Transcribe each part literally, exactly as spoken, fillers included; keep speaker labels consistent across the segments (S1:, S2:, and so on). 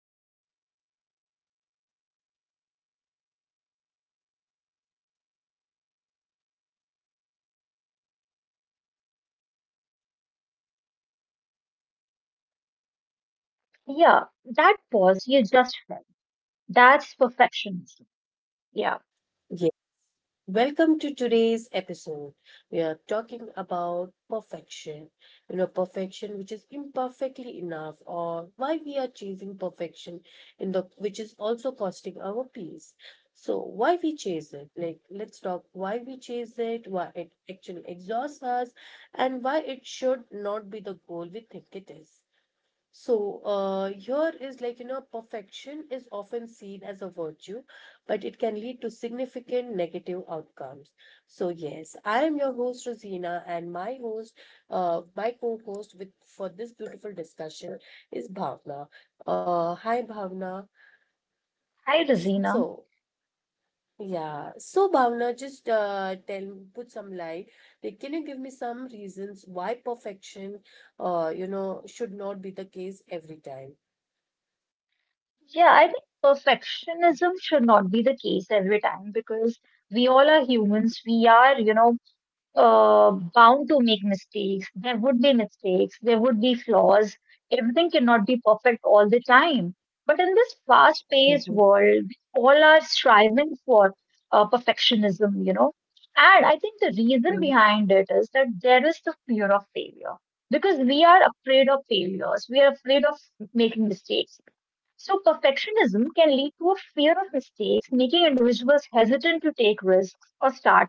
S1: Before we begin, I want you to thank, think about this. When was the last time you felt truly satisfied with yourself without immediately thinking you could have done better? So,
S2: Yeah, that pause you just felt. That's perfectionism. Yeah.
S1: yes. Welcome to today's episode. We are talking about perfection. You know, perfection which is imperfectly enough, or why we are chasing perfection in the which is also costing our peace. So why we chase it? Like, let's talk why we chase it, why it actually exhausts us, and why it should not be the goal we think it is. So, uh, here is, like, you know, perfection is often seen as a virtue, but it can lead to significant negative outcomes. So, yes, I am your host, Rosina, and my host, uh, my co-host with for this beautiful discussion is Bhavna. Uh, hi, Bhavna.
S2: Hi, Rosina.
S1: So, yeah, so Bhavna, just uh, tell, put some light. Like, can you give me some reasons why perfection, uh, you know, should not be the case every time?
S2: Yeah, I think perfectionism should not be the case every time because we all are humans. We are, you know, uh, bound to make mistakes. There would be mistakes, there would be flaws. Everything cannot be perfect all the time. But in this fast paced
S1: Mhm.
S2: world, we all are striving for uh, perfectionism, you know. And I think the reason behind it is that there is the fear of failure because we are afraid of failures, we are afraid of making mistakes. So, perfectionism can lead to a fear of mistakes, making individuals hesitant to take risks or start,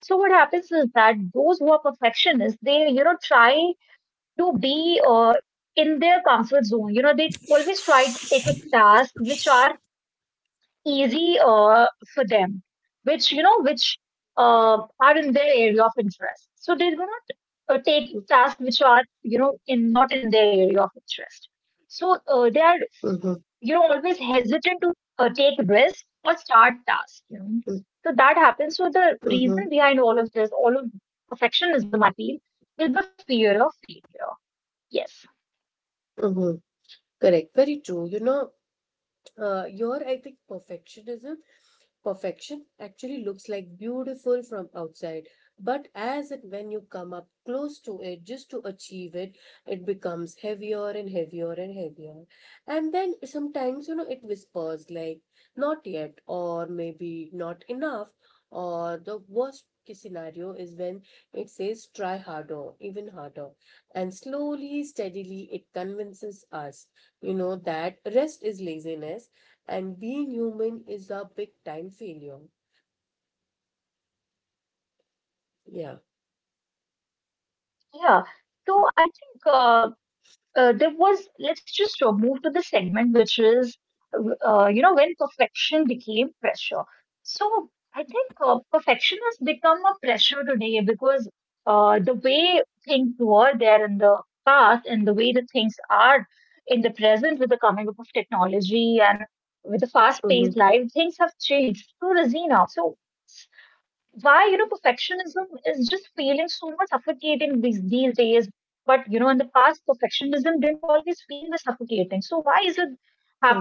S2: so what happens is that those who are perfectionists, they, you know, try to be uh, in their comfort zone. You know, they always try to take a task which are easy uh, for them, which you know, which uh, are in their area of interest. So they do not uh, take tasks which are you know in not in their area of interest. So uh, they are
S1: Mm-hmm,
S2: you know always hesitant to uh, take risks or start tasks. You know, so that happens. So the
S1: mm-hmm,
S2: reason behind all of this, all of perfectionism, I feel, is the fear of failure. Yes,
S1: mm-hmm. Correct. Very true. You know, uh, your, I think, perfectionism, Perfection actually looks like beautiful from outside, but as it when you come up close to it just to achieve it, it becomes heavier and heavier and heavier. And then sometimes, you know, it whispers like not yet, or maybe not enough, or the worst case scenario is when it says try harder, even harder. And slowly, steadily, it convinces us, you know, that rest is laziness and being human is a big time failure. Yeah.
S2: yeah. So I think uh, uh, there was, let's just uh, move to the segment which is, uh, you know, when perfection became pressure. So I think, uh, perfection has become a pressure today because, uh, the way things were there in the past and the way that things are in the present with the coming up of technology and with the fast
S1: Mm-hmm.
S2: paced life, things have changed. So Razina, so why you know perfectionism is just feeling so much suffocating these, these days, but you know in the past perfectionism didn't always feel this suffocating, so why is it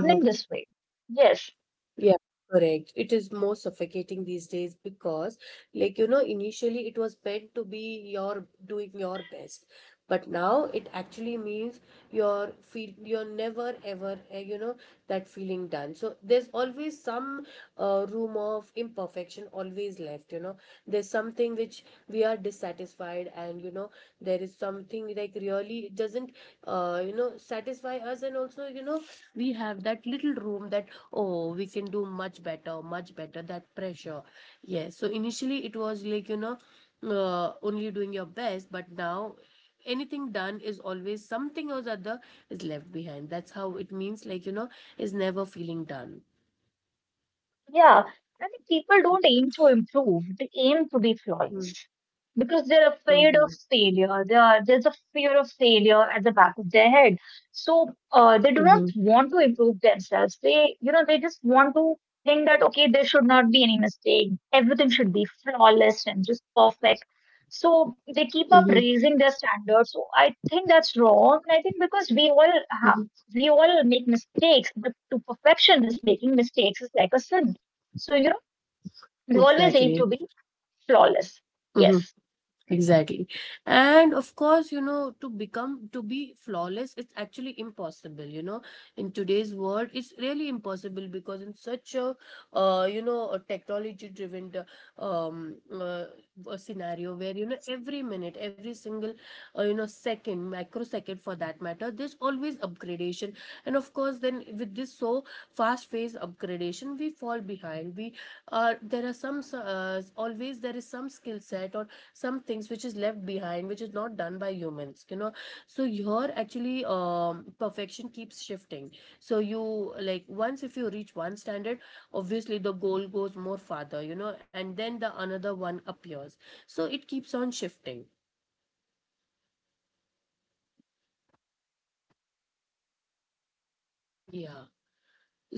S1: Mm-hmm.
S2: this way? Yes.
S1: Yeah, correct. It is more suffocating these days because, like, you know, initially it was meant to be your doing your best, but now it actually means you're feel you're never ever, uh, you know, that feeling done. So there's always some uh, room of imperfection always left, you know. There's something which we are dissatisfied, and you know, there is something like really it doesn't uh, you know satisfy us. And also, you know we have that little room that, oh, we can do much better, much better, that pressure. Yes, so initially it was, like, you know uh, only doing your best, but now anything done is always something or the other is left behind. That's how it means, like, you know is never feeling done.
S2: Yeah, I think people don't aim to improve, they aim to be
S1: Mm-hmm.
S2: flawless because they're afraid
S1: Mm-hmm.
S2: of failure. They are, there's a fear of failure at the back of their head. So uh, they do not
S1: Mm-hmm.
S2: want to improve themselves. They, you know, they just want to think that, okay, there should not be any mistake. Everything should be flawless and just perfect. So they keep up
S1: Mm-hmm.
S2: raising their standards. So I think that's wrong. And I think because we all have, we all make mistakes, but to perfection is making mistakes is like a sin. So, you know, they always aim
S1: Exactly.
S2: to be flawless.
S1: Mm-hmm.
S2: Yes.
S1: Exactly. And of course, you know, to become, to be flawless, it's actually impossible, you know, in today's world, it's really impossible because in such a, uh, you know, a technology driven, um, uh, a scenario where, you know, every minute, every single, uh, you know, second, microsecond for that matter, there's always upgradation. And of course, then with this so fast phase upgradation, we fall behind. We are, there are some, s- uh, always there is some skill set or some things which is left behind, which is not done by humans, you know so your actually um, perfection keeps shifting. So you, like, once if you reach one standard, obviously the goal goes more farther, you know and then the another one appears. So it keeps on shifting, yeah.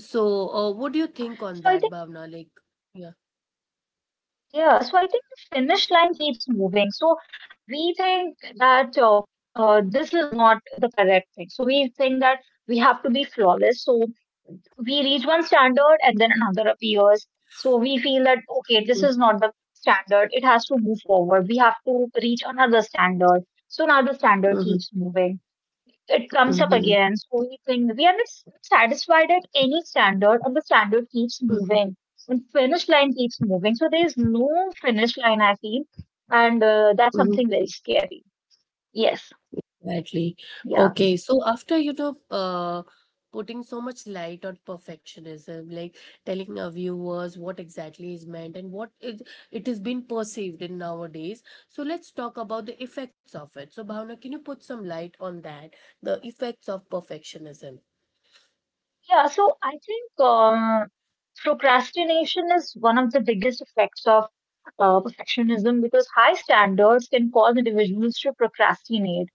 S1: So, uh, what do you
S2: Yeah.
S1: think
S2: So
S1: on
S2: I think,
S1: that, Bhavna, like... Yeah.
S2: yeah. So I think the finish line keeps moving. So we think that uh, uh, this is not the correct thing. So we think that we have to be flawless. So we reach one standard and then another appears. So we feel that, okay, this is not the standard. It has to move forward. We have to reach another standard. So now the standard
S1: Mm-hmm,
S2: keeps moving. It comes up
S1: mm-hmm,
S2: again. So we think we are not s- satisfied at any standard, and the standard keeps moving. And finish line keeps moving. So there is no finish line, I feel. And uh, that's
S1: mm-hmm.
S2: something very scary. Yes.
S1: Exactly.
S2: Yeah.
S1: Okay, so after you know, uh, putting so much light on perfectionism, like telling our viewers what exactly is meant and what it it is being perceived in nowadays. So let's talk about the effects of it. So Bhavna, can you put some light on that? The effects of perfectionism.
S2: Yeah. So I think um, procrastination is one of the biggest effects of uh, perfectionism because high standards can cause individuals to procrastinate.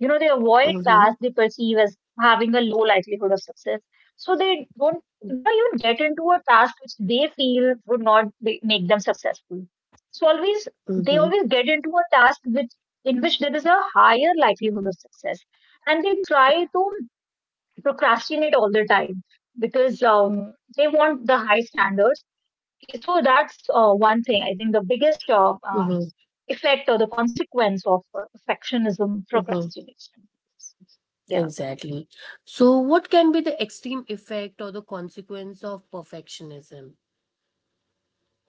S2: You know, they avoid
S1: Mm-hmm,
S2: tasks they perceive as having a low likelihood of success. So they don't, you know, even get into a task which they feel would not be, make them successful. So always, they
S1: mm-hmm,
S2: always get into a task which, in which there is a higher likelihood of success. And they try to procrastinate all the time because um, they want the high standards. So that's uh, one thing. I think the biggest uh, uh,
S1: mm-hmm,
S2: effect or the consequence of uh, perfectionism
S1: mm-hmm.
S2: procrastination. Yeah.
S1: Exactly. So what can be the extreme effect or the consequence of perfectionism?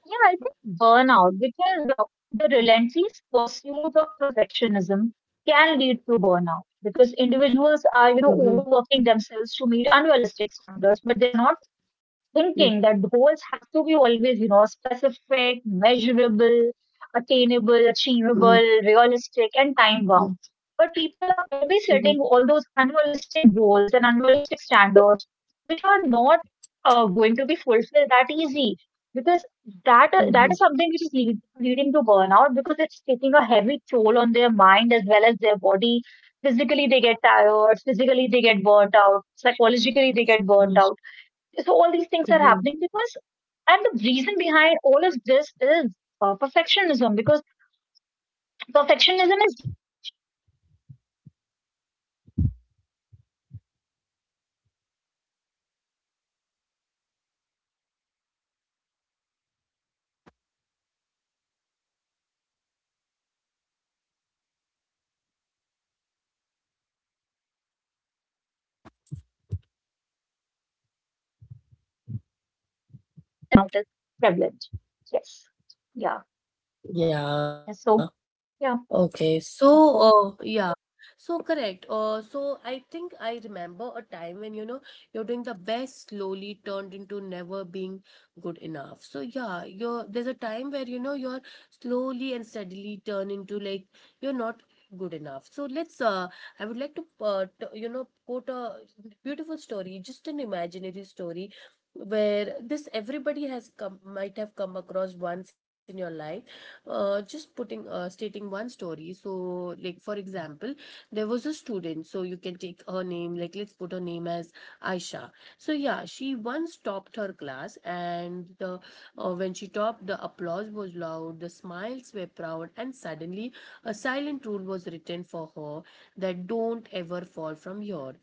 S2: Yeah, I think burnout, because of the relentless pursuit of perfectionism can lead to burnout because individuals are, you know,
S1: Mm-hmm,
S2: overworking themselves to meet unrealistic standards, but they are not thinking that goals have to be always, you know, specific, measurable, attainable,
S1: mm-hmm,
S2: achievable, realistic, and time bound. But people are always
S1: mm-hmm,
S2: setting all those unrealistic goals and unrealistic standards, which are not uh, going to be fulfilled that easy. Because that
S1: mm-hmm,
S2: that is something which is lead, leading to burnout because it's taking a heavy toll on their mind as well as their body. Physically, they get tired. Physically, they get burnt out. Psychologically, they get burnt out, so all these things are happening
S1: mhm.
S2: because, and the reason behind all of this is uh, perfectionism. Because perfectionism is leading to burnout. It is making people burnt out a lot, and they forget about their health. They forget about their um, uh, relationships, their acquaintances, their uh, family members, their kids, their parents, their grandparents. What they think is that I have to be perfect in everything. So that is leading to burnout, and I think especially uh, like in the workplaces, the burnout is prevalent. Yes. Yeah. And so yeah.
S1: Yeah. Okay. So, uh, yeah. So correct. Uh, so I think I remember a time when, you know, you're doing the best slowly turned into never being good enough. So yeah, you're there's a time where, you know, you're slowly and steadily turn into like you're not good enough. So, let's uh I would like to uh, t you know, quote a beautiful story, just an imaginary story where this everybody has come might have come across once in your life. Uh, just putting uh, stating one story. So, like, for example, there was a student. So you can take her name, like, let's put her name as Aisha. So yeah, she once topped her class. And the uh, when she topped, the applause was loud, the smiles were proud, and suddenly a silent rule was written for her, that don't ever fall from your.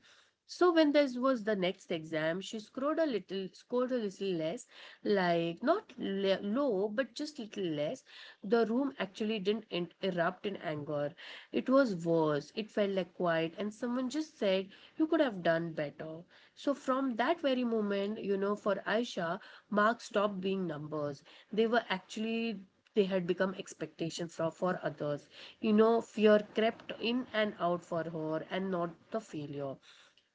S1: So when this was the next exam, she scored a little, scored a little less, like not le- low, but just little less. The room actually didn't en- erupt in anger. It was worse. It felt like quiet, and someone just said, "You could have done better." So from that very moment, you know, for Aisha, marks stopped being numbers. They were actually they had become expectations for, for others. You know, fear crept in and out for her, and not the failure.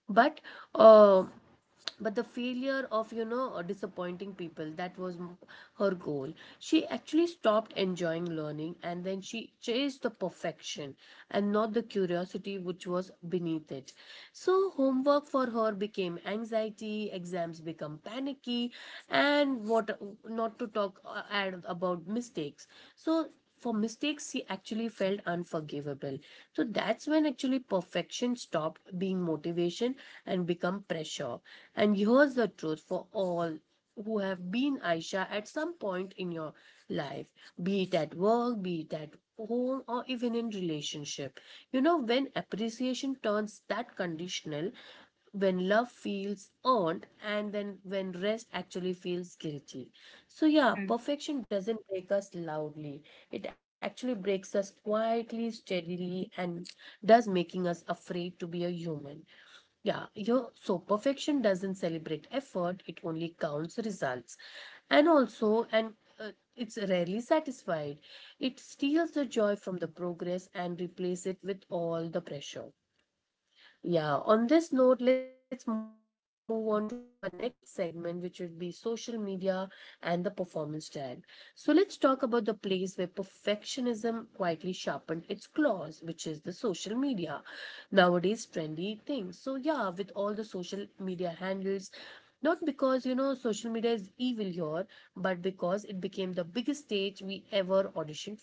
S1: But uh, but the failure of, you know uh, disappointing people, that was m- her goal. She actually stopped enjoying learning, and then she chased the perfection and not the curiosity which was beneath it. So homework for her became anxiety, exams become panicky, and what not to talk uh, and about mistakes. So for mistakes, she actually felt unforgivable. So that's when actually perfection stopped being motivation and become pressure. And here's the truth for all who have been Aisha at some point in your life, be it at work, be it at home, or even in relationship. You know, when appreciation turns that conditional, when love feels earned, and then when rest actually feels guilty. So yeah, perfection doesn't break us loudly, it actually breaks us quietly, steadily, and does making us afraid to be a human. Yeah. You so perfection doesn't celebrate effort, it only counts results. And also, and uh, it's rarely satisfied. It steals the joy from the progress and replaces it with all the pressure. Yeah, on this note, let's move on to our next segment, which would be social media and the performance tag. So, let's talk about the place where perfectionism quietly sharpened its claws, which is the social media. Nowadays, trendy thing. So, yeah, with all the social media handles, not because you know social media is evil here, but because it became the biggest stage we ever auditioned for.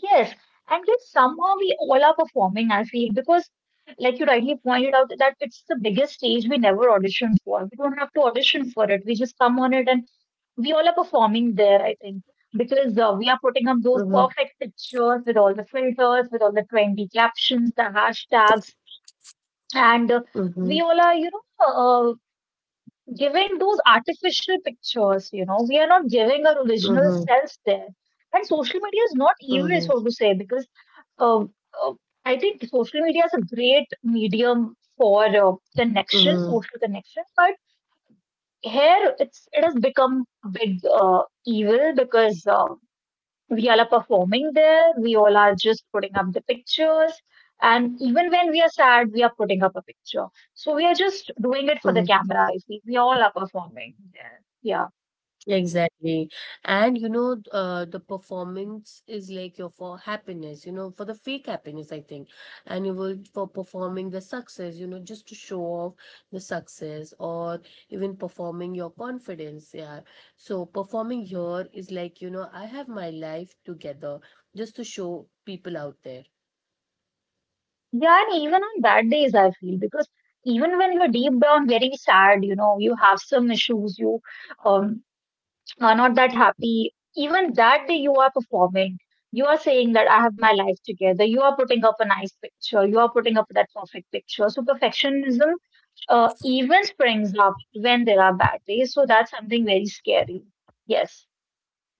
S2: Yes, and yet somehow we all are performing, I feel, because like you rightly pointed out that it's the biggest stage we never audition for. We don't have to audition for it. We just come on it and we all are performing there, I think, because uh, we are putting up those
S1: Mm-hmm,
S2: perfect pictures with all the filters, with all the trendy captions, the hashtags, and uh,
S1: mm-hmm,
S2: we all are, you know, uh, given those artificial pictures, you know, we are not giving our original
S1: mm-hmm,
S2: selves there. And social media is not evil,
S1: mm-hmm,
S2: so to say, because uh, uh, I think social media is a great medium for uh, connection,
S1: mm-hmm.
S2: social connection. But here, it's it has become big uh, evil because uh, we all are performing there, we all are just putting up the pictures, and even when we are sad we are putting up a picture. So we are just doing it for the camera, I feel. We all are performing there. Yeah,
S1: Exactly. And you know, uh, the performance is like your for happiness, you know, for the fake happiness, I think. And you will for performing the success, you know, just to show off the success or even performing your confidence. Yeah. So performing here is, like, you know, I have my life together just to show people out there.
S2: yeah, and even on bad days I feel, because even when you're deep down very sad, you know, you have some issues, you um are not that happy even that day, you are performing. You are saying that I have my life together. You are putting up a nice picture, you are putting up that perfect picture. So perfectionism uh, even springs up when there are bad days. So that's something very scary. Yes.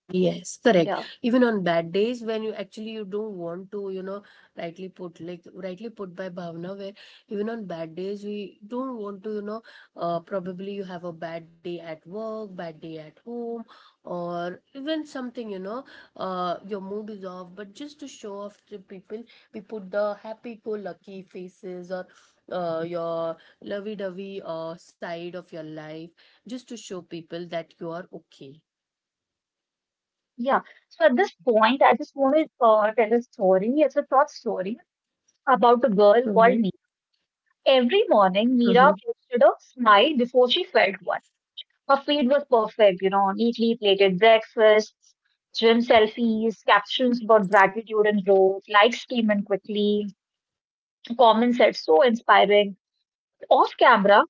S1: Yes, correct.
S2: Yeah.
S1: Even on bad days when you actually you don't want to, you know, rightly put, like rightly put by Bhavna, where even on bad days we don't want to, you know, uh, probably you have a bad day at work, bad day at home, or even something, you know, uh, your mood is off. But just to show off to people, we put the happy-go-lucky faces or uh, your lovey-dovey uh, side of your life, just to show people that you are okay.
S2: Yeah. So at this point, I just want to uh, tell a story. It's a short story about a girl
S1: Mm-hmm.
S2: called Meera. Every morning,
S1: Mm-hmm.
S2: Meera posted a smile before she felt one. Her feed was perfect, you know, neatly plated breakfasts, gym selfies, captions about gratitude and growth, likes came in quickly, comments said so inspiring. Off camera,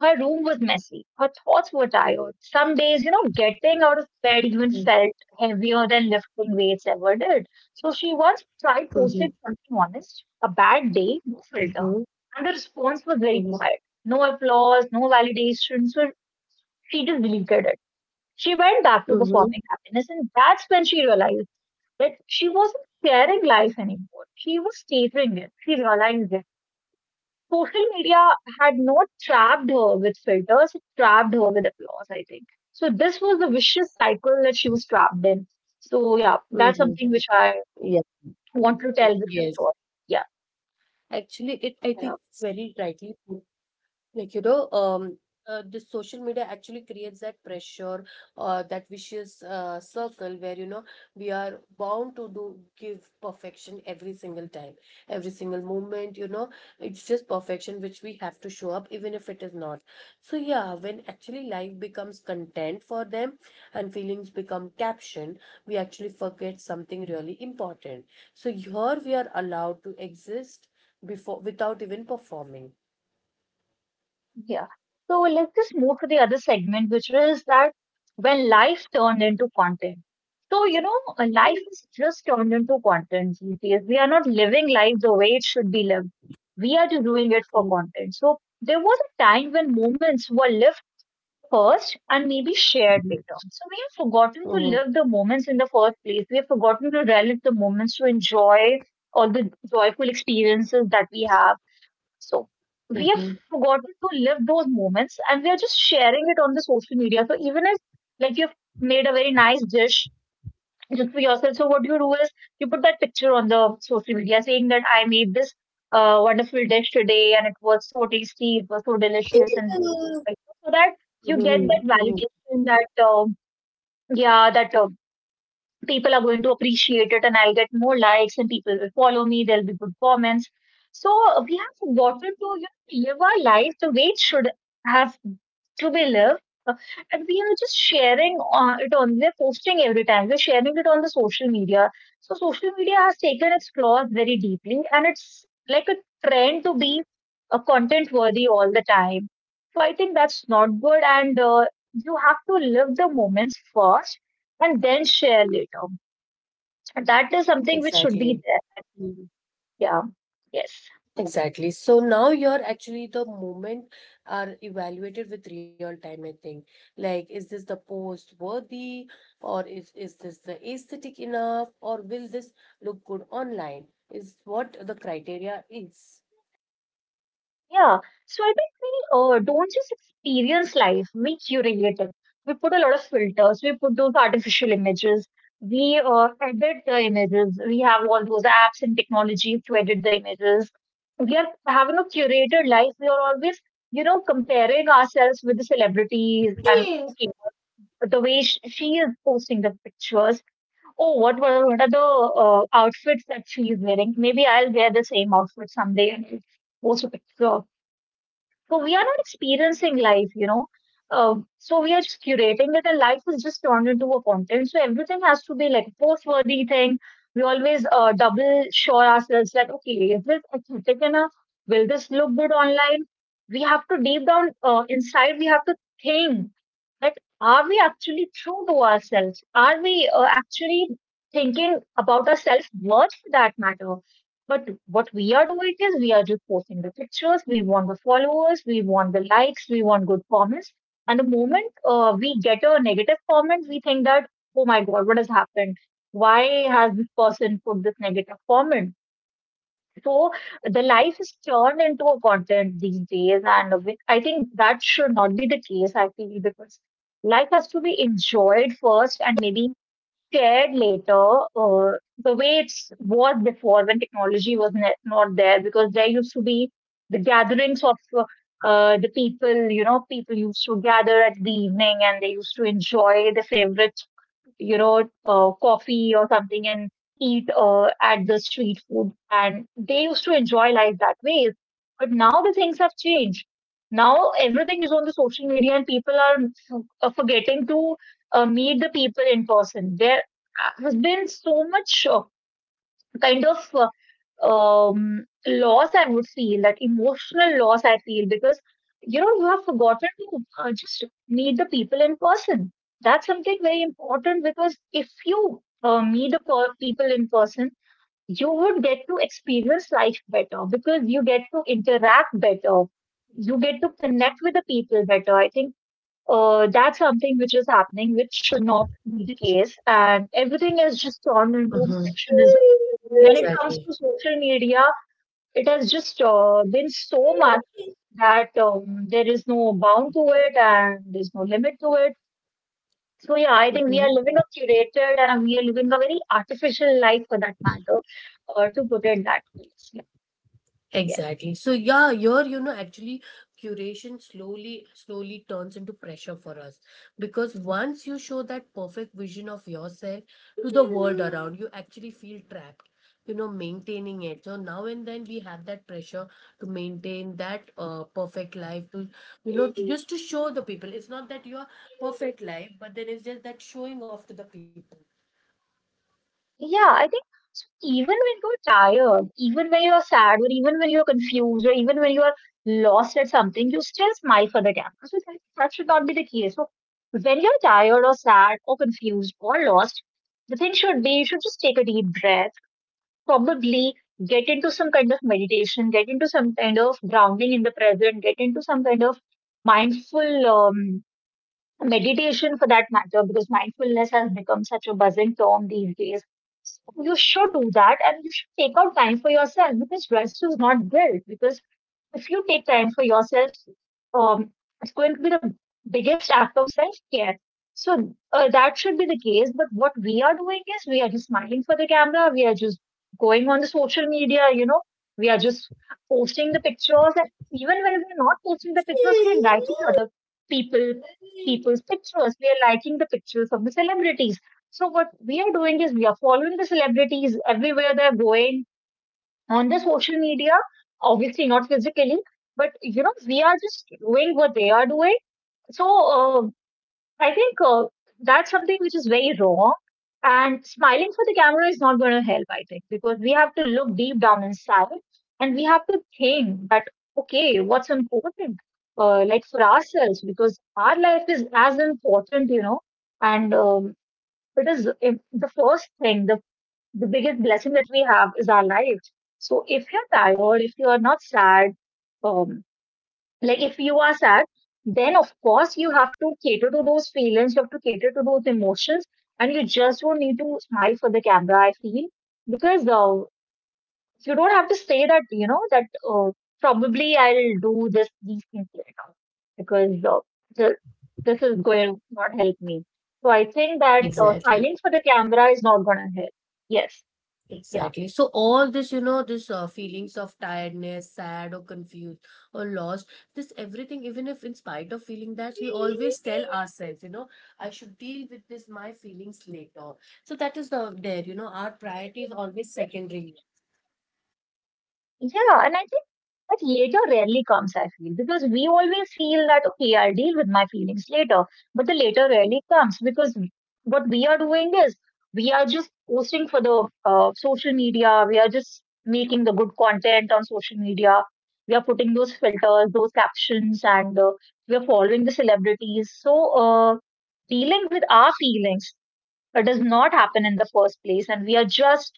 S2: her room was messy. Her thoughts were tired. Some days, you know, getting out of bed even felt heavier than lifting weights ever did. So she once tried
S1: Mhm,
S2: posting something honest, a bad day, no filter,
S1: mhm,
S2: and the response was very
S1: mhm,
S2: quiet. No applause, no validation. So she just deleted it. She went back to
S1: mhm,
S2: performing happiness, and that's when she realized that she wasn't sharing life anymore. She was catering it. She realized it social media had not trapped her with filters, it trapped her with applause, I think. So this was the vicious cycle that she was trapped in. So yeah, that's something
S1: mhm.
S2: which I
S1: Yeah.
S2: want to tell with this
S1: Yes.
S2: story. Yeah,
S1: Actually, it I
S2: yeah,
S1: think it's very rightly put. Like, you know, um, uh, the social media actually creates that pressure, uh, that vicious uh, circle where, you know, we are bound to do give perfection every single time, every single moment, you know, it's just perfection which we have to show up, even if it is not. So, yeah, when actually life becomes content for them and feelings become caption, we actually forget something really important. So, here we are allowed to exist before without even performing.
S2: yeah. So let's just move to the other segment, which is that when life turned into content. So, you know, uh, life is just turned into content these days. We are not living life the way it should be lived. We are just doing it for content. So there was a time when moments were lived first and maybe shared later. So we have forgotten to
S1: Mhm.
S2: live the moments in the first place. We have forgotten to relive the moments to enjoy all the joyful experiences that we have. So we have
S1: Mhm.
S2: forgotten to live those moments and we are just sharing it on the social media. So even if like you've made a very nice dish just for yourself. So what you do is you put that picture on the social media saying that I made this uh, wonderful dish today and it was so tasty, it was so delicious, and like, so that you get that
S1: Mhm, mhm.
S2: validation that um yeah, that uh, people are going to appreciate it and I'll get more likes and people will follow me. There'll be good comments. So uh, we have forgotten to you know, live our life the way it should have to be lived. Uh, And we are just sharing uh, it on, we're posting every time, we're sharing it on the social media. So social media has taken its flaws very deeply and it's like a trend to be uh, content worthy all the time. So I think that's not good and uh, you have to live the moments first and then share later. And that is something which should be
S1: Exactly.
S2: there, I feel. Yeah. Yes.
S1: Exactly. So now, you're actually the moment are evaluated with real time, I think. Like, is this the post worthy, or is, is this the aesthetic enough, or will this look good online? Is what the criteria is.
S2: Yeah. So I think we uh, don't just experience life, we curate it. We put a lot of filters, we put those artificial images, we uh, edit the images. We have all those apps and technologies to edit the images. We are having a curated life. We are always, you know, comparing ourselves with the celebrities and okay, the way sh- she is posting the pictures. Oh, what were what are the uh, outfits that she is wearing? Maybe I'll wear the same outfit someday and I'll post a picture of so we are not experiencing life, you know. Uh, so we are just curating it, and life is just turned into a content. So everything has to be like a post-worthy thing. We always uh, double sure ourselves that okay, is this aesthetic enough? Will this look good online? We have to deep down uh, inside. We have to think that are we actually true to ourselves? Are we uh, actually thinking about our self worth for that matter? But what we are doing is we are just posting the pictures. We want the followers. We want the likes. We want good comments. And the moment uh, we get a negative comment, we think that, oh my God, what has happened? Why has this person put this negative comment? So the life is turned into a content these days. And we- I think that should not be the case, I feel, because life has to be enjoyed first and maybe shared later, uh, the way it was before when technology was ne- not there, because there used to be the gatherings of uh, uh, the people, you know, people used to gather at the evening and they used to enjoy the favorite you know, uh, coffee or something and eat uh, at the street food. And they used to enjoy life that way. But now the things have changed. Now everything is on the social media and people are f- uh, forgetting to uh, meet the people in person. There uh, has been so much uh, kind of uh, um, loss I would feel, that emotional loss I feel, because you know you have forgotten to uh, just meet the people in person. That's something very important because if you uh, meet the per- people in person, you would get to experience life better because you get to interact better, you get to connect with the people better. I think uh, that's something which is happening, which should not be the case, and everything has just turned into
S1: Mhm.
S2: perfectionism when it comes
S1: Exactly.
S2: to social media. It has just uh, been so much that um, there is no bound to it and there's no limit to it. So, yeah, I think we are
S1: Mhm.
S2: living a curated and we are living a very artificial life for that matter, or to put it that way. Yeah. Yes.
S1: Exactly. So yeah, your you know actually curation slowly slowly turns into pressure for us, because once you show that perfect vision of yourself to the world around, you actually feel trapped, you know maintaining it. So now and then we have that pressure to maintain that uh, perfect life to, you know to- just to show the people. It's not that you're perfect life, but there is just that showing off to the people.
S2: Yeah, I think so even when you're tired, even when you're sad, or even when you're confused, or even when you're lost at something, you still smile for the camera. So, that, that should not be the case. So, when you're tired or sad or confused or lost, the thing should be you should just take a deep breath, probably get into some kind of meditation, get into some kind of grounding in the present, get into some kind of mindful um, meditation for that matter, because mindfulness has become such a buzzing term these days. So you should do that and you should take out time for yourself because rest is not guilt. Because if you take time for yourself, um, it's going to be the biggest act of self care. So uh, that should be the case. But what we are doing is we are just smiling for the camera. We are just going on the social media. You know, we are just posting the pictures. And even when we're not posting the pictures, we are liking other people people's pictures. We are liking the pictures of the celebrities. So what we are doing is we are following the celebrities everywhere they're going on the social media, obviously not physically, but you know, we are just doing what they are doing. So uh, I think uh, that's something which is very wrong. And smiling for the camera is not going to help, I think, because we have to look deep down inside and we have to think that, okay, what's important, uh, like for ourselves, because our life is as important, you know, and um, it is im- the first thing, the the biggest blessing that we have is our lives. So if you're tired, if you're not sad, um, like if you are sad, then of course you have to cater to those feelings, you have to cater to those emotions, and you just don't need to smile for the camera, I feel, because uh, you don't have to say that, you know, that uh, probably I'll do this, these things later, because uh, the, this is going to not help me. So I think that uh,
S1: exactly.
S2: smiling for the camera is not going to help. Yes. Yeah.
S1: Exactly. So all this, you know, this uh, feelings of tiredness, sad or confused or lost, this everything, even if in spite of feeling that, we always tell ourselves, you know, I should deal with this, my feelings later. So that is the there, you know, our priority is always secondary.
S2: Yeah, and I think that later rarely comes, I feel, because we always feel that, okay, I'll deal with my feelings later. But the later rarely comes because what we are doing is we are just posting for the uh, social media, we are just making the good content on social media, we are putting those filters, those captions, and uh, we are following the celebrities. So, uh, dealing with our feelings, it does not happen in the first place, and we are just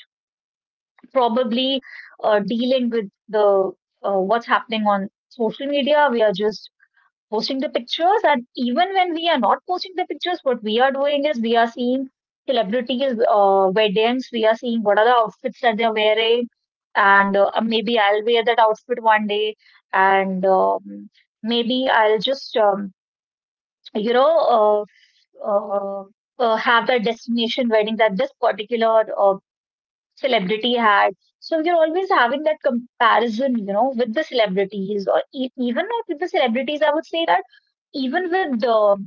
S2: probably uh, dealing with the uh, what's happening on social media. We are just posting the pictures, and even when we are not posting the pictures, what we are doing is we are seeing celebrities' uh, weddings. We are seeing what are the outfits that they're wearing, and uh, uh, maybe I'll wear that outfit one day, and um, maybe I'll just um, you know. Uh, uh, uh, have that destination wedding that this particular uh, celebrity had. So you're always having that comparison, you know, with the celebrities or e- even not with the celebrities. I would say that even with the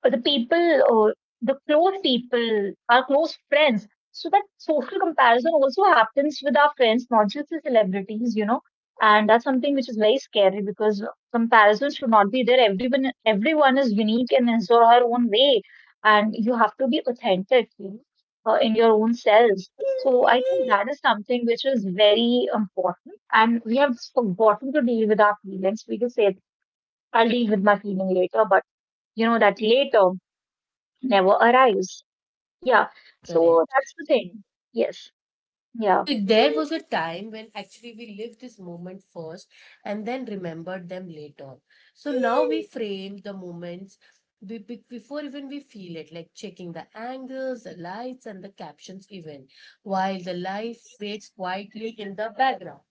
S2: the people or the close people, our close friends. So that social comparison also happens with our friends, not just the celebrities, you know. And that's something which is very scary because comparison should not be there. Everyone, everyone is unique in his or her own way, and you have to be authentic you know, uh, in your own selves. So I think that is something which is very important, and we have forgotten to deal with our feelings. We can say, "I'll deal with my feeling later," but you know that later never arrives. Yeah.
S1: Correct.
S2: So that's the thing. Yes. Yeah.
S1: So there was a time when actually we lived this moment first and then remembered them later. So now we frame the moments we be- before even we feel it, like checking the angles, the lights, and the captions, even while the life fades quietly in the background.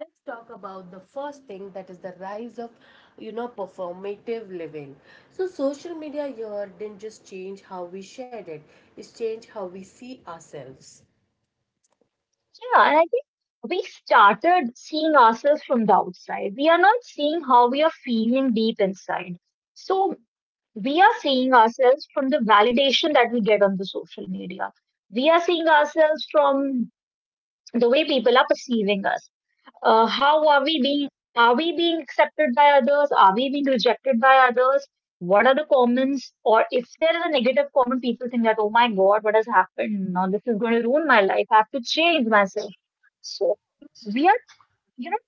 S1: Let's talk about the first thing that is the rise of, you know, performative living. So social media here didn't just change how we shared it; it's changed how we see ourselves.
S2: Yeah. And I think we started seeing ourselves from the outside. We are not seeing how we are feeling deep inside. So we are seeing ourselves from the validation that we get on the social media. We are seeing ourselves from the way people are perceiving us. Uh, how are we being, are we being accepted by others, are we being rejected by others, what are the comments? Or if there is a negative comment, people think that, oh my god, what has happened? Now this is going to ruin my life, I have to change myself. So we are, you know,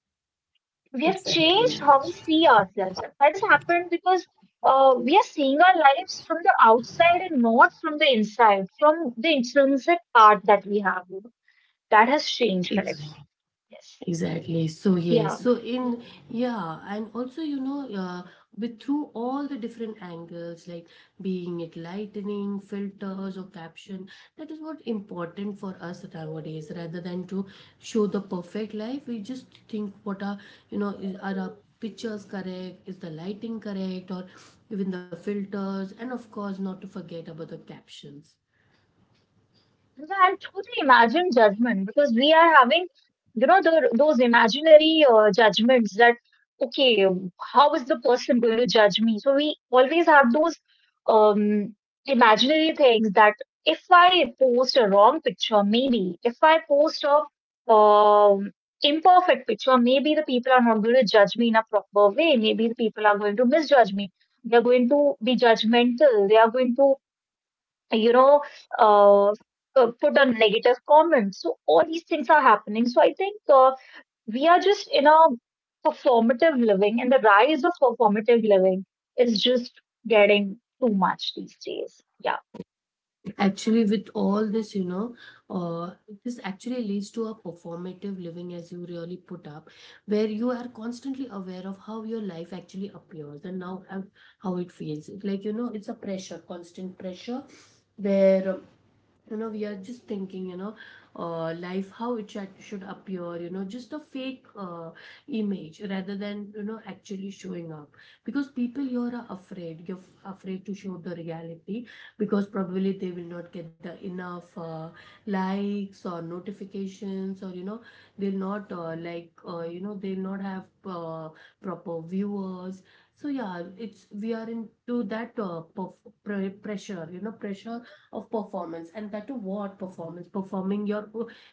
S2: we have
S1: Exactly.
S2: changed how we see ourselves. That has happened because uh, we are seeing our lives from the outside and not from the inside, from the intrinsic part that we have. That has changed. Correct.
S1: Ex-
S2: Yes.
S1: Exactly. So yes.
S2: Yeah.
S1: So in yeah, and also you know, uh, with through all the different angles, like being it lightning, filters, or caption, that is what important for us nowadays. Rather than to show the perfect life, we just think what are you know is, are our pictures correct? Is the lighting correct? Or even the filters, and of course, not to forget about the captions.
S2: Yeah, and through the imagined judgment, because we are having, you know, the, those imaginary uh, judgments that, okay, how is the person going to judge me? So we always have those um, imaginary things that if I post a wrong picture, maybe, if I post a um, imperfect picture, maybe the people are not going to judge me in a proper way. Maybe the people are going to misjudge me. They're going to be judgmental. They are going to you know, uh, uh, put a negative comment. So all these things are happening. So I think uh, we are just in a performative living, and the rise of performative living is just getting too much these days. Yeah,
S1: Actually, with all this, you know, uh, this actually leads to a performative living, as you really put up, where you are constantly aware of how your life actually appears and now how, how it feels. Like, you know, it's a pressure, constant pressure, where you know we are just thinking you know uh, life how it should should appear, you know, just a fake uh, image rather than, you know, actually showing up, because people here are afraid, you're f- afraid to show the reality, because probably they will not get the enough uh, likes or notifications, or you know they'll not uh, like uh, you know, they'll not have uh, proper viewers. So yeah, it's we are into that uh, perf- pre- pressure, you know, pressure of performance, and that to what performance, performing your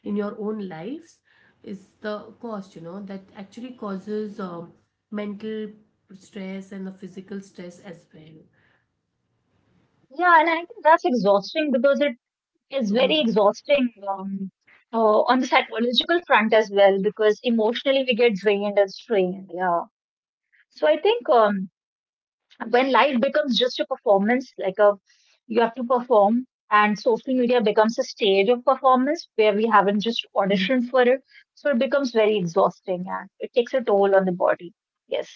S1: in your own lives is the cost, you know, that actually causes um, mental stress and the physical stress as well.
S2: yeah, and I think that's exhausting because it is very
S1: Mhm.
S2: exhausting um, uh, on the psychological front as well because emotionally we get drained and strained. Yeah. So I think um, When life becomes just a performance, like a you have to perform, and social media becomes a stage of performance where we haven't just
S1: Mhm.
S2: auditioned for it, so it becomes very exhausting and it takes a toll on the body. Yes,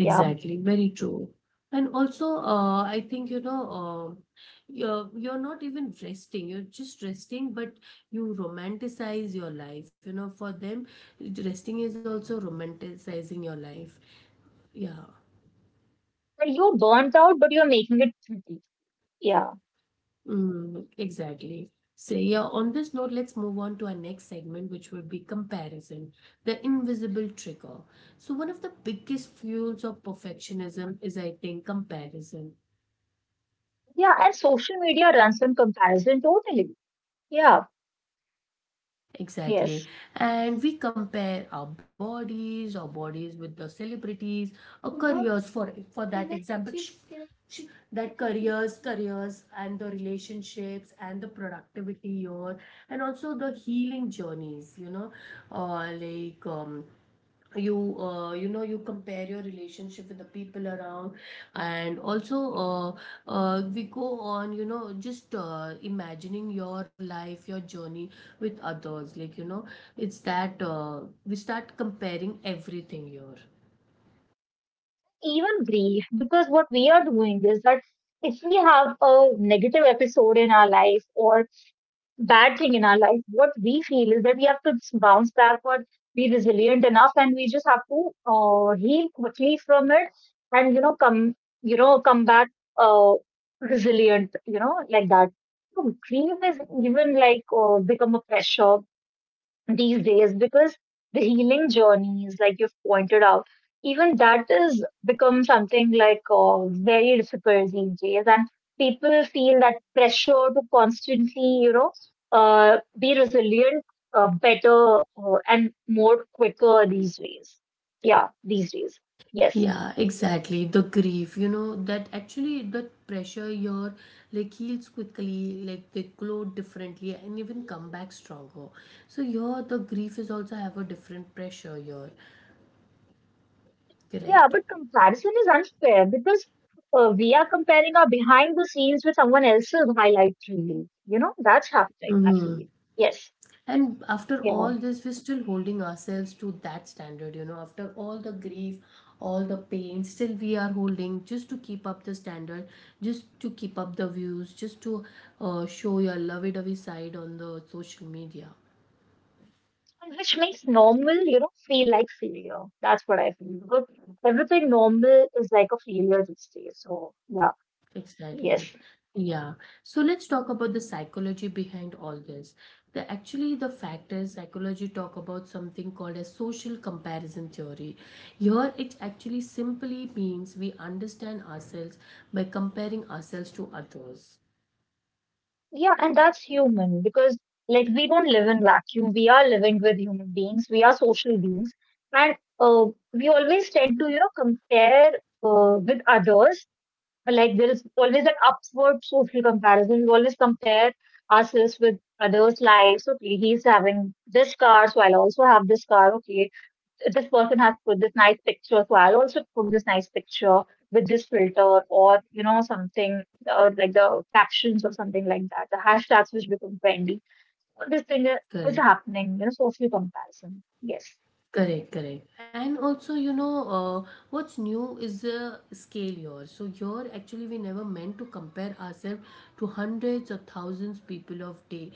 S2: yeah.
S1: very true. And also, uh, I think, you know, um you're you're not even resting. You're just resting, but you romanticize your life. You know, for them, resting is also romanticizing your life. Yeah.
S2: Well, you're burnt out, but you're making it pretty. Yeah,
S1: Mm, exactly. So, yeah, on this note, let's move on to our next segment, which will be comparison, the invisible trigger. So, one of the biggest fuels of perfectionism is, I think, comparison.
S2: yeah. And social media runs in comparison totally. Yeah,
S1: Exactly.
S2: yes.
S1: And we compare our bodies, our bodies with the celebrities, our careers for for that example. sh- sh- That careers, careers and the relationships and the productivity year, and also the healing journeys, you know, uh, like um, you uh, you know, you compare your relationship with the people around, and also, uh, uh, we go on, you know, just uh, imagining your life, your journey with others, like you know it's that uh, we start comparing everything here.
S2: Even grief, because what we are doing is that if we have a negative episode in our life or bad thing in our life, what we feel is that we have to just bounce back or be resilient enough, and we just have to uh, heal quickly from it, and you know come you know come back, uh, resilient, you know, like that. So grief is even like uh, become a pressure these days because the healing journeys, like you've pointed out, even that has become something like uh, very difficult these days, and people feel that pressure to constantly, you know, uh, be resilient, uh, better, uh, and more quicker these days. Yeah, these days. Yes.
S1: Yeah, exactly, the grief, you know, that actually that pressure here like heals quickly, like they glow differently and even come back stronger. So here the grief is also have a different pressure here.
S2: Yeah,
S1: Correct.
S2: but comparison is unfair because uh, we are comparing our behind the scenes with someone else's highlight reel. You know, that's happening, I feel. Yes.
S1: And after all
S2: Yeah.
S1: this we're still holding ourselves to that standard, you know, after all the grief, all the pain, still we are holding just to keep up the standard, just to keep up the views, just to uh, show your lovey-dovey side on the social media.
S2: Which makes normal, you know, feel like failure. That's what I feel. Because everything normal is like a failure these days. So yeah,
S1: Exactly.
S2: yes,
S1: Yeah. So let's talk about the psychology behind all this. The actually the fact is psychology talk about something called as social comparison theory. Here it actually simply means we understand ourselves by comparing ourselves to others.
S2: yeah, and that's human because like we don't live in vacuum. We are living with human beings. We are social beings, and uh, we always tend to, you know, compare uh, with others. Like there is always an upward social comparison. We always compare ourselves with others' lives. Okay, he's having this car, so I'll also have this car. Okay, this person has put this nice picture, so I'll also put this nice picture with this filter or you know something uh, like the captions or something like that. The hashtags which become trendy. All this thing is is
S1: Correct.
S2: happening. You know, social comparison. Yes,
S1: Correct, correct. And also, you know, uh, what's new is the scale here. So here, actually, we never meant to compare ourselves to hundreds or thousands people of day,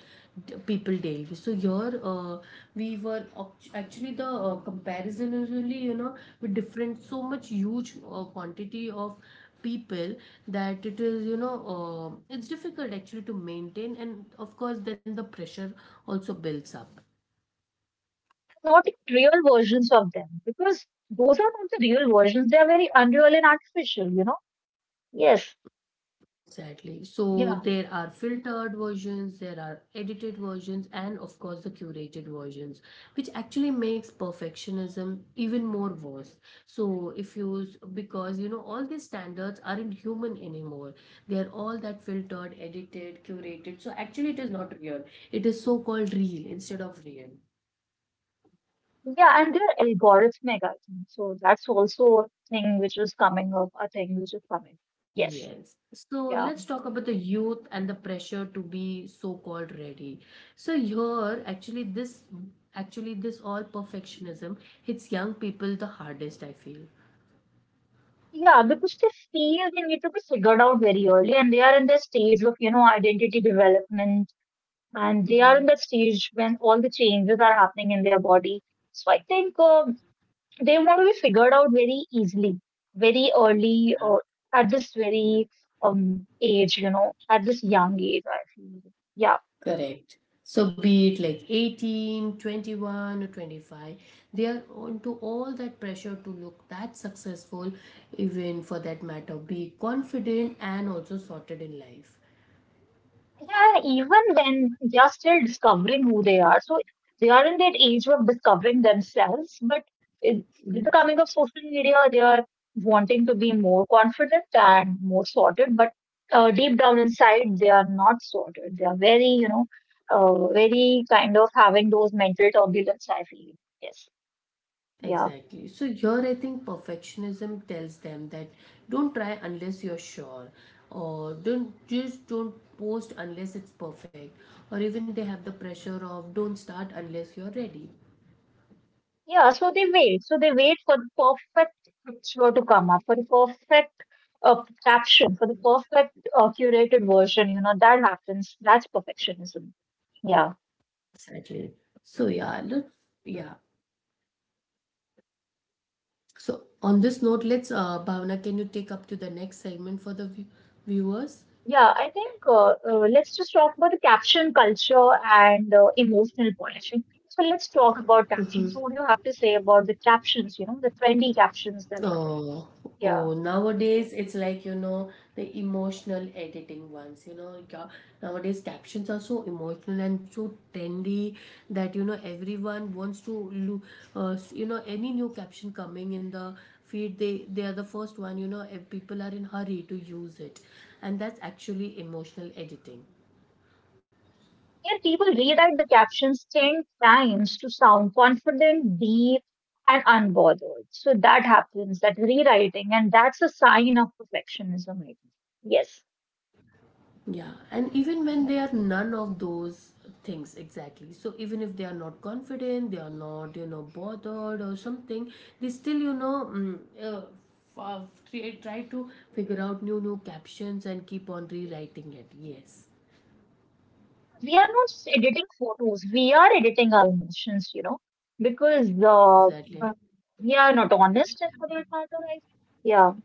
S1: d- people daily. So here, uh, we were oct- actually the uh, comparison is really, you know, with different so much huge uh, quantity of people, that it is, you know, uh, it's difficult actually to maintain, and of course then the pressure also builds up.
S2: not real versions of them because those are not the real versions. They are very unreal and artificial. You know. Yes.
S1: Exactly. So
S2: Yeah.
S1: there are filtered versions, there are edited versions, and of course the curated versions, which actually makes perfectionism even more worse. So if you, s- because you know, all these standards aren't human anymore. They are all that filtered, edited, curated. So actually, it is not real. It is so called real instead of real.
S2: Yeah, and they're algorithmic, I think. So that's also a thing which is coming up, a thing which is coming. Yes.
S1: Yes. So
S2: Yeah.
S1: let's talk about the youth and the pressure to be so-called ready. So here, actually, this actually this all perfectionism hits young people the hardest, I feel.
S2: Yeah, because they feel they need to be figured out very early, and they are in this stage of, you know, identity development, and they are in that
S1: hmm
S2: stage when all the changes are happening in their body. So I think um they want to be figured out very easily, very early, or
S1: Yeah,
S2: at this very um age, you know, at this young age, I feel. Yeah.
S1: Correct. So be it like eighteen, twenty-one or twenty-five, they are onto all that pressure to look that successful, even for that matter, be confident and also sorted in life.
S2: Yeah, and even then, they are still discovering who they are. So they are in that age of discovering themselves, but it, with the coming of social media, they are wanting to be more confident and more sorted. But uh, deep down inside, they are not sorted. They are very, you know, uh, very kind of having those mental turbulence, I feel. Yes. Yeah.
S1: Exactly. So here I think perfectionism tells them that don't try unless you're sure, or don't just don't post unless it's perfect, or even they have the pressure of don't start unless you're ready.
S2: Yeah. So they wait. So they wait for the perfect picture to come up, for the perfect a caption for the perfect uh, curated version, you know, that happens. That's perfectionism. Yeah.
S1: Exactly. So yeah, let's yeah. So on this note, let's uh Bhavna, can you take up to the next segment for the view viewers?
S2: Yeah, I think uh, uh, let's just talk about the caption culture and uh, emotional polishing. So let's talk about captions. What do you have to say about the captions, you know, the trendy captions that are there?
S1: Oh,
S2: Yeah.
S1: oh, nowadays it's like, you know, the emotional editing ones, you know, ca- nowadays captions are so emotional and so trendy that, you know, everyone wants to look, uh, s- you know, any new caption coming in the feed, they, they are the first one, you know, if people are in hurry to use it. And that's actually emotional editing.
S2: Yeah, people rewrite the captions ten times to sound confident, deep, and unbothered. So that happens, that rewriting, and that's a sign of perfectionism, I think. Yes.
S1: Yeah, and even when
S2: Yeah.
S1: they are none of those things exactly. So even if they are not confident, they are not, you know, bothered or something, they still, you know, mm, uh, fa- try try to figure out new new captions and keep on rewriting it. Yes,
S2: We are not just editing photos, we are editing our emotions, you know, because uh,
S1: exactly.
S2: uh, we are not honest for that matter, I think. Yeah,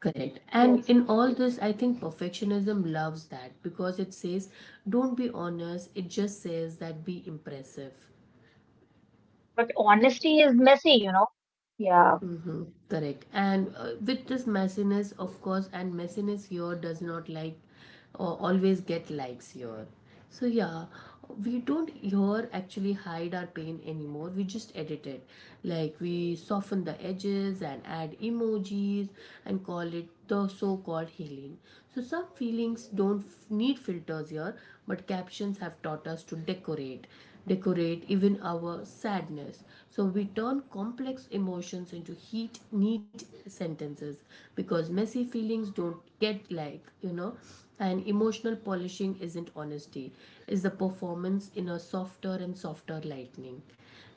S1: Correct. And
S2: yes.
S1: in all this, I think perfectionism loves that because it says, don't be honest. It just says that be impressive.
S2: But honesty is messy, you know. Yeah,
S1: Mm-hmm. Correct. And uh, with this messiness, of course, and messiness here does not like or always get likes here. So, yeah, we don't here actually hide our pain anymore. We just edit it. Like, we soften the edges and add emojis and call it the so called healing. So, some feelings don't f- need filters here, but captions have taught us to decorate decorate even our sadness. So we turn complex emotions into heat, neat sentences, because messy feelings don't get like, you know, and emotional polishing isn't honesty, is the performance in a softer and softer lightning.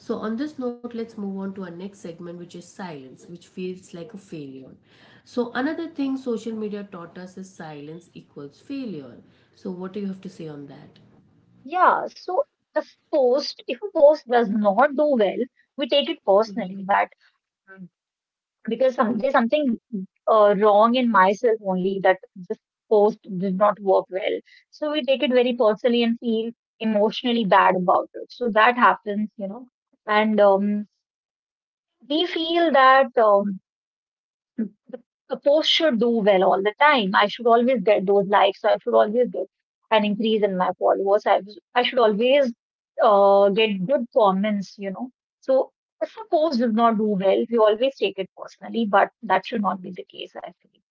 S1: So on this note, let's move on to our next segment, which is silence, which feels like a failure. So another thing social media taught us is silence equals failure. So what do you have to say on that?
S2: yeah. So the post, if a post does not do well, we take it personally that because some, there's something uh, wrong in myself only that this post did not work well. So we take it very personally and feel emotionally bad about it. So that happens, you know, and um, we feel that um, the the post should do well all the time. I should always get those likes. I should always get an increase in my followers. I, was- I should always uh, get good comments, you know. So if a post does not do well, we always take it personally, but that should not be the case, I feel.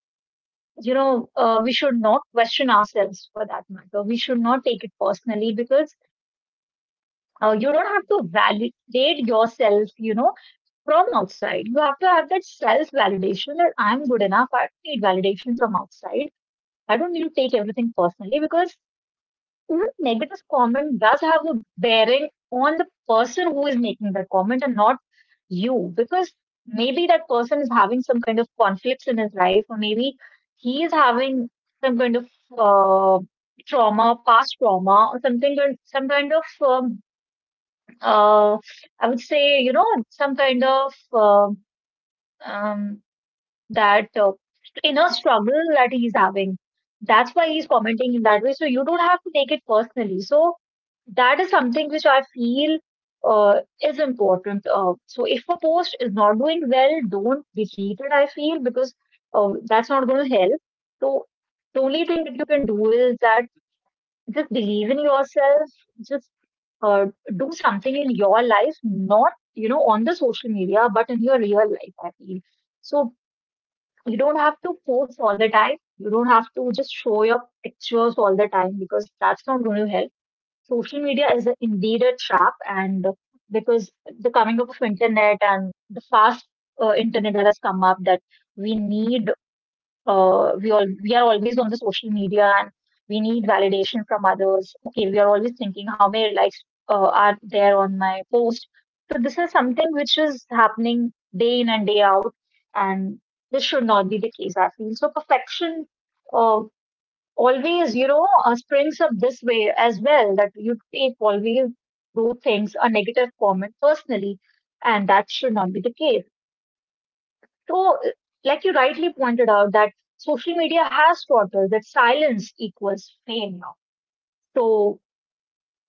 S2: You know, uh, we should not question ourselves for that matter. We should not take it personally because uh, you don't have to validate yourself, you know, from outside. You have to have that self validation that I'm good enough. I don't need validation from outside. I don't need to take everything personally because even negative comment does have a bearing on the person who is making that comment and not you because maybe that person is having some kind of conflicts in his life or maybe he is having some kind of uh, trauma, past trauma or something, some kind of, um, uh, I would say, you know, some kind of um, um, that uh, inner struggle that he's having. That's why he's commenting in that way. So you don't have to take it personally. So that is something which I feel uh, is important. Uh, so if a post is not doing well, don't delete it, I feel, because uh, that's not going to help. So the only thing that you can do is that just believe in yourself, just uh, do something in your life, not, you know, on the social media, but in your real life, I feel. So you don't have to post all the time. You don't have to just show your pictures all the time because that's not going to help. Social media is a, indeed a trap, and because the coming up of internet and the fast uh, internet that has come up, that we need uh, we all we are always on the social media and we need validation from others. Okay, we are always thinking how many likes uh, are there on my post. So this is something which is happening day in and day out, and this should not be the case. I feel so perfection uh, always, you know, uh, springs up this way as well that you take always do things a negative comment personally, and that should not be the case. So, uh, like you rightly pointed out, that social media has taught us that silence equals fame now. So,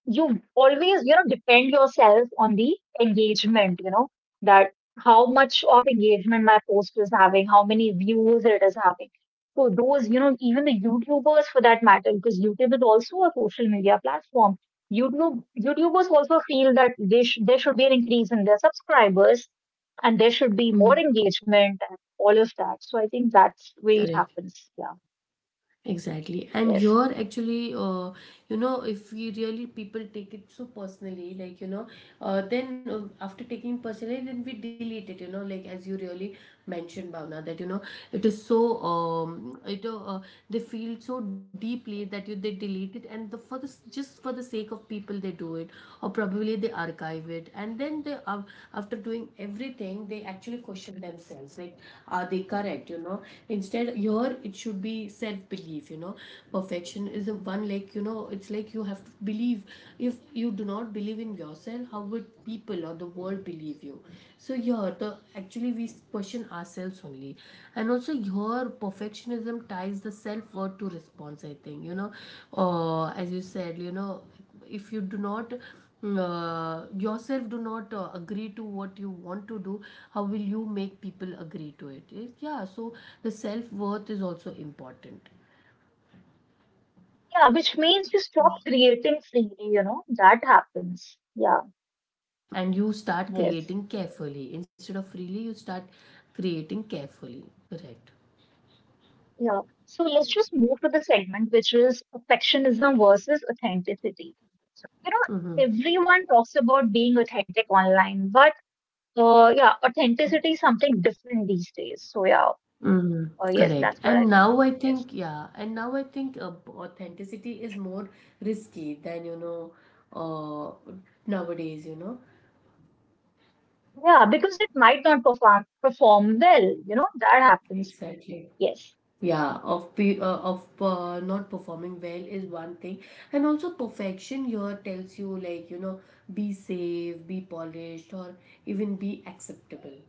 S2: you always, you know, depend yourself on the engagement, you know, that how much of engagement my post is having, how many views it is having. So those, you know, even the youtubers for that matter, because youtube is also a social media platform, youtube youtubers also feel that they sh- there should be an increase in their subscribers and there should be more
S1: Mm,
S2: engagement and all of that, so I think that's where it
S1: correct.
S2: happens. Yeah,
S1: Exactly. And
S2: yes.
S1: you're actually, uh, you know, if we really people take it so personally, like, you know, uh, then uh, after taking personally, then we delete it, you know, like as you really mentioned, Bhavna, that, you know, it is so, um, it, uh, uh, they feel so deeply that you, they delete it, and the, for the, s- just for the sake of people, they do it, or probably they archive it. And then they, uh, after doing everything, they actually question themselves, like, are they correct, you know? Instead, your it should be self-belief belief, you know, perfection is a one, like, you know, it's like you have to believe. If you do not believe in yourself, how would people or the world believe you? So here the actually we question ourselves only. And also your perfectionism ties the self-worth to response, I think, you know, uh, as you said, you know, if you do not uh, yourself do not uh, agree to what you want to do, how will you make people agree to it? It- yeah, so the self worth is also important.
S2: Yeah, which means you stop creating freely, you know, that happens. Yeah,
S1: And you start
S2: yes.
S1: creating carefully instead of freely. You start creating carefully. Correct.
S2: Yeah. So let's just move to the segment, which is perfectionism versus authenticity. So, you
S1: Mm-hmm.
S2: know, everyone talks about being authentic online, but uh, yeah, authenticity is something different these days. So yeah, uh,
S1: Mm-hmm.
S2: yes,
S1: Correct,
S2: that's what I
S1: and
S2: feel.
S1: now I
S2: Yes.
S1: think, yeah, and now I think, uh, authenticity is more risky than you know, uh, nowadays, you know.
S2: Yeah, because it might not perform perform well, you know, that happens.
S1: Exactly.
S2: Yes.
S1: Yeah, of pe- uh, of uh, not performing well is one thing, and also perfection here tells you, like, you know, be safe, be polished, or even be acceptable.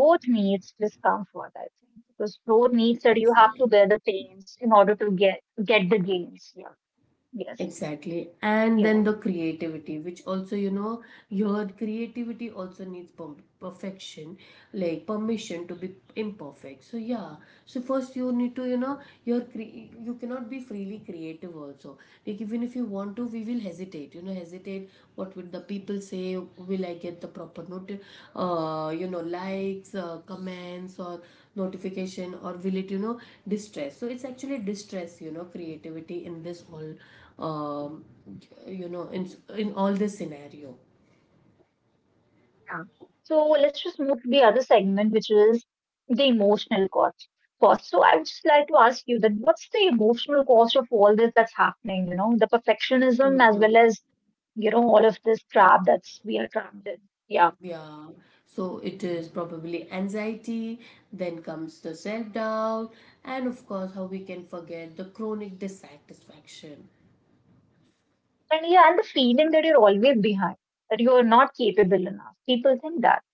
S2: Growth needs discomfort, I think, because growth needs that you have to
S1: Exactly.
S2: bear the pains in order to get get the gains. Yeah. Yes.
S1: Exactly. And
S2: Yeah.
S1: then the creativity, which also, you know, your creativity also needs per- perfection, like permission to be imperfect. So, yeah. So, first, you need to, you know, your cre- you cannot be freely creative also. Like, even if you want to, we will hesitate, you know, hesitate. What would the people say? Will I get the proper note, uh, you know, likes, uh, comments, or notification, or will it, you know, distress? So, it's actually distress, you know, creativity in this all um, you know, in in all this scenario.
S2: Yeah. So let's just move to the other segment, which is the emotional cost. Cost. So I would just like to ask you that what's the emotional cost of all this that's happening? You know, the perfectionism as well as you know all of this trap that's we are trapped in. Yeah.
S1: Yeah, so it is probably anxiety, then comes the self doubt, and of course how we can forget the chronic dissatisfaction.
S2: And yeah, and the feeling that you're always behind, that you are not capable enough. People think that.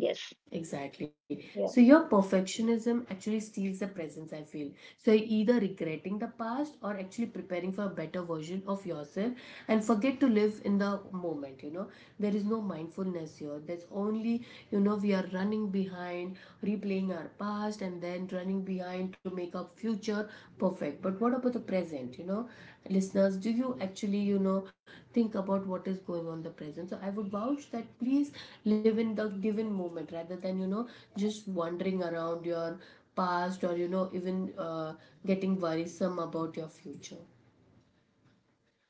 S2: Yes.
S1: Exactly. So
S2: Yeah.
S1: your perfectionism actually steals the presence, I feel. So you're either regretting the past or actually preparing for a better version of yourself and forget to live in the moment, you know. There is no mindfulness here. There's only, you know, we are running behind, replaying our past and then running behind behind to make our future perfect. But what about the present? You know, listeners, do you actually, you know, think about what is going on in the present? So I would vouch that please live in the given moment rather than, you know, just wandering around your past or, you know, even uh, getting worrisome about your future.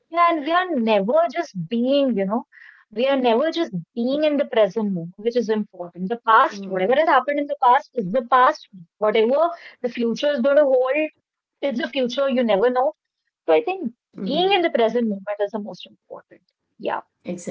S2: Yeah, and we are never just being, you know, we are never just being in the present moment, which is important. The past,
S1: Mm-hmm.
S2: whatever has happened in the past, is the past. Whatever the future is going to hold, is the future. You never know. So I think being in the present moment is the most important. Yeah.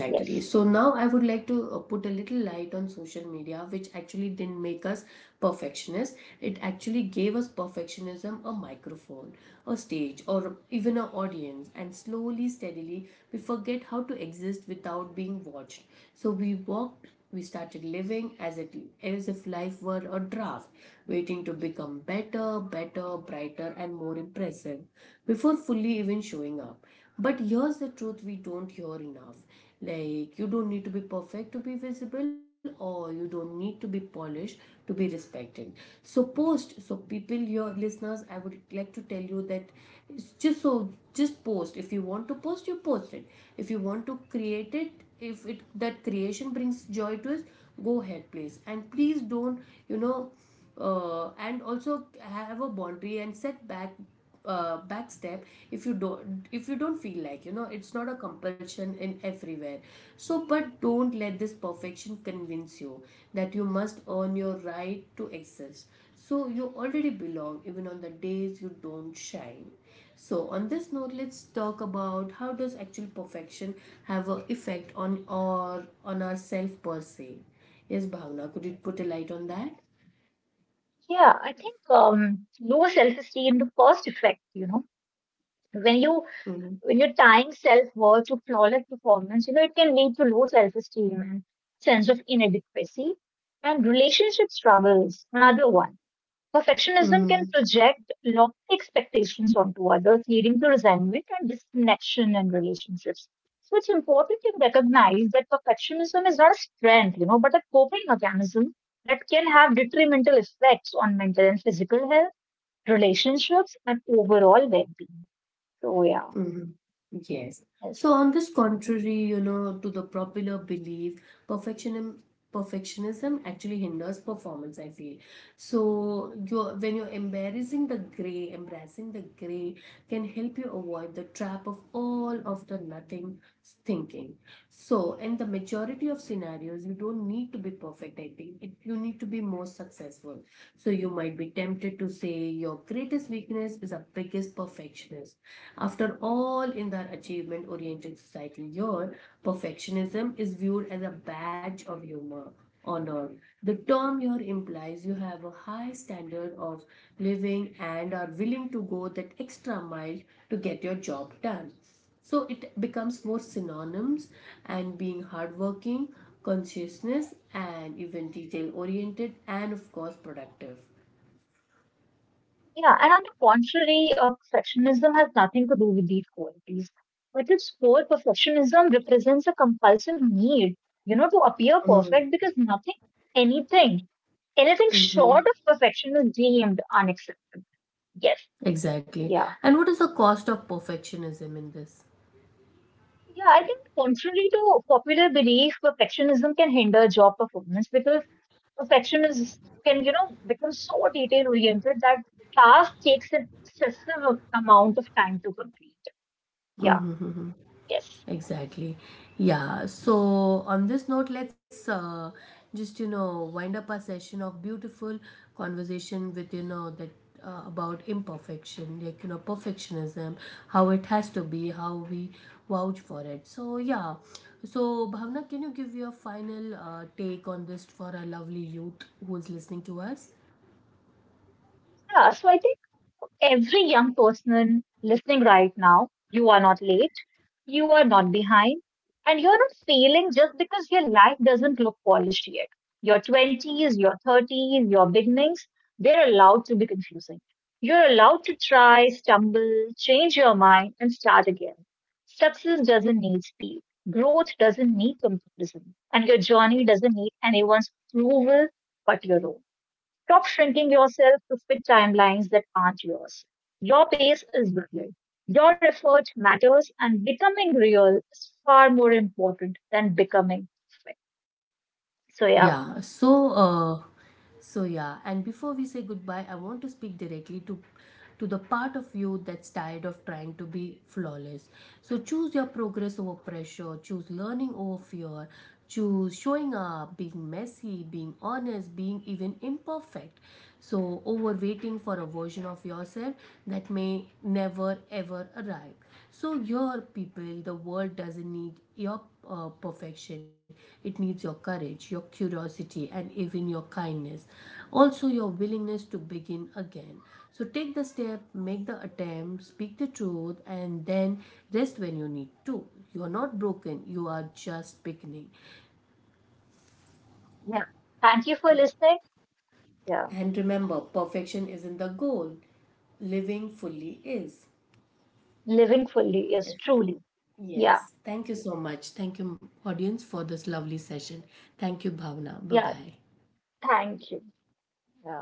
S2: Yes.
S1: So now I would like to uh, put a little light on social media, which actually didn't make us perfectionists. It actually gave us perfectionism a microphone, a stage, or even an audience. And slowly, steadily, we forget how to exist without being watched. So we walked, we started living as it as if life were a draft, waiting to become better, better, brighter, and more impressive before fully even showing up. But here's the truth we don't hear enough, like you don't need to be perfect to be visible, or you don't need to be polished to be respected. So post so people, your listeners, I would like to tell you that it's just so just post. If you want to post, you post it. If you want to create it, if it that creation brings joy to us, go ahead please. And please don't, you know uh, and also have a boundary and set back, uh, back step if you don't, if you don't feel like, you know, it's not a compulsion in everywhere. So but don't let this perfection convince you that you must earn your right to exist. So you already belong, even on the days you don't shine. So on this note, let's talk about how does actual perfection have an effect on our, on ourself per se. Yes, Bhavna, could you put a light on that?
S2: Yeah. I think um, low self-esteem, the first effect, you know, when you when you're tying self-worth to flawless performance, you know, it can lead to low self-esteem and sense of inadequacy and relationship struggles. Another one. Perfectionism
S1: Mm-hmm.
S2: can project lofty expectations onto others, leading to resentment and disconnection in relationships. So it's important to recognize that perfectionism is not a strength, you know, but a coping mechanism that can have detrimental effects on mental and physical health, relationships, and overall well-being. So yeah.
S1: Mm-hmm. Yes.
S2: Yes.
S1: So on this contrary, you know, to the popular belief, perfectionism perfectionism actually hinders performance, I feel. So you're, when you're embarrassing the gray, embracing the gray can help you avoid the trap of all of the nothing thinking. So, in the majority of scenarios, you don't need to be perfect, I think. It, you need to be more successful. So, you might be tempted to say your greatest weakness is a biggest perfectionist. After all, in the achievement oriented society, your perfectionism is viewed as a badge of humor. Honor. The term here implies you have a high standard of living and are willing to go that extra mile to get your job done. So it becomes more synonyms and being hardworking, consciousness, and even detail oriented, and of course productive.
S2: Yeah, and on the contrary, uh, perfectionism has nothing to do with these qualities. At its core, perfectionism represents a compulsive need, you know, to appear perfect because nothing, anything, anything short
S1: Hmm.
S2: of perfection is deemed unacceptable. Yes.
S1: Exactly.
S2: Yeah.
S1: And what is the cost of perfectionism in this?
S2: Yeah, I think contrary to popular belief, perfectionism can hinder job performance because perfection is can, you know, become so detail oriented that task takes an excessive amount of time to complete. Yeah.
S1: Mhm.
S2: Yes.
S1: Exactly. Yeah. So, on this note, let's uh, just, you know, wind up our session of beautiful conversation with, you know, that uh, about imperfection, like, you know, perfectionism, how it has to be, how we vouch for it. So, yeah. So, Bhavna, can you give your final uh, take on this for our lovely youth who's listening to us?
S2: Yeah, so I think every young person listening right now, you are not late, you are not behind, and you're not failing just because your life doesn't look polished yet. Your twenties, your thirties, your beginnings, they're allowed to be confusing. You're allowed to try, stumble, change your mind, and start again. Success doesn't need speed. Growth doesn't need comparison. And your journey doesn't need anyone's approval but your own. Stop shrinking yourself to fit timelines that aren't yours. Your pace is valid. Your effort matters, and becoming real is far more important than becoming fit. So, yeah,
S1: Yeah, so uh, so yeah, and before we say goodbye, I want to speak directly to to the part of you that's tired of trying to be flawless. So choose your progress over pressure, choose learning over fear, choose showing up, being messy, being honest, being even imperfect. So over waiting for a version of yourself that may never ever arrive. So, your people, the world doesn't need your uh, perfection, it needs your courage, your curiosity, and even your kindness. Also, your willingness to begin again. So, take the step, make the attempt, speak the truth, and then rest when you need to. You are not broken, you are just beginning.
S2: yeah. Thank you for
S1: Yeah.
S2: listening. Yeah,
S1: And remember, perfection isn't the goal, living fully is.
S2: living fully is truly. Yeah,
S1: Yes. Thank you so much. Thank you, audience, for this lovely session. Thank you, Bhavna. Bye
S2: yeah.
S1: bye.
S2: Thank you. Yeah.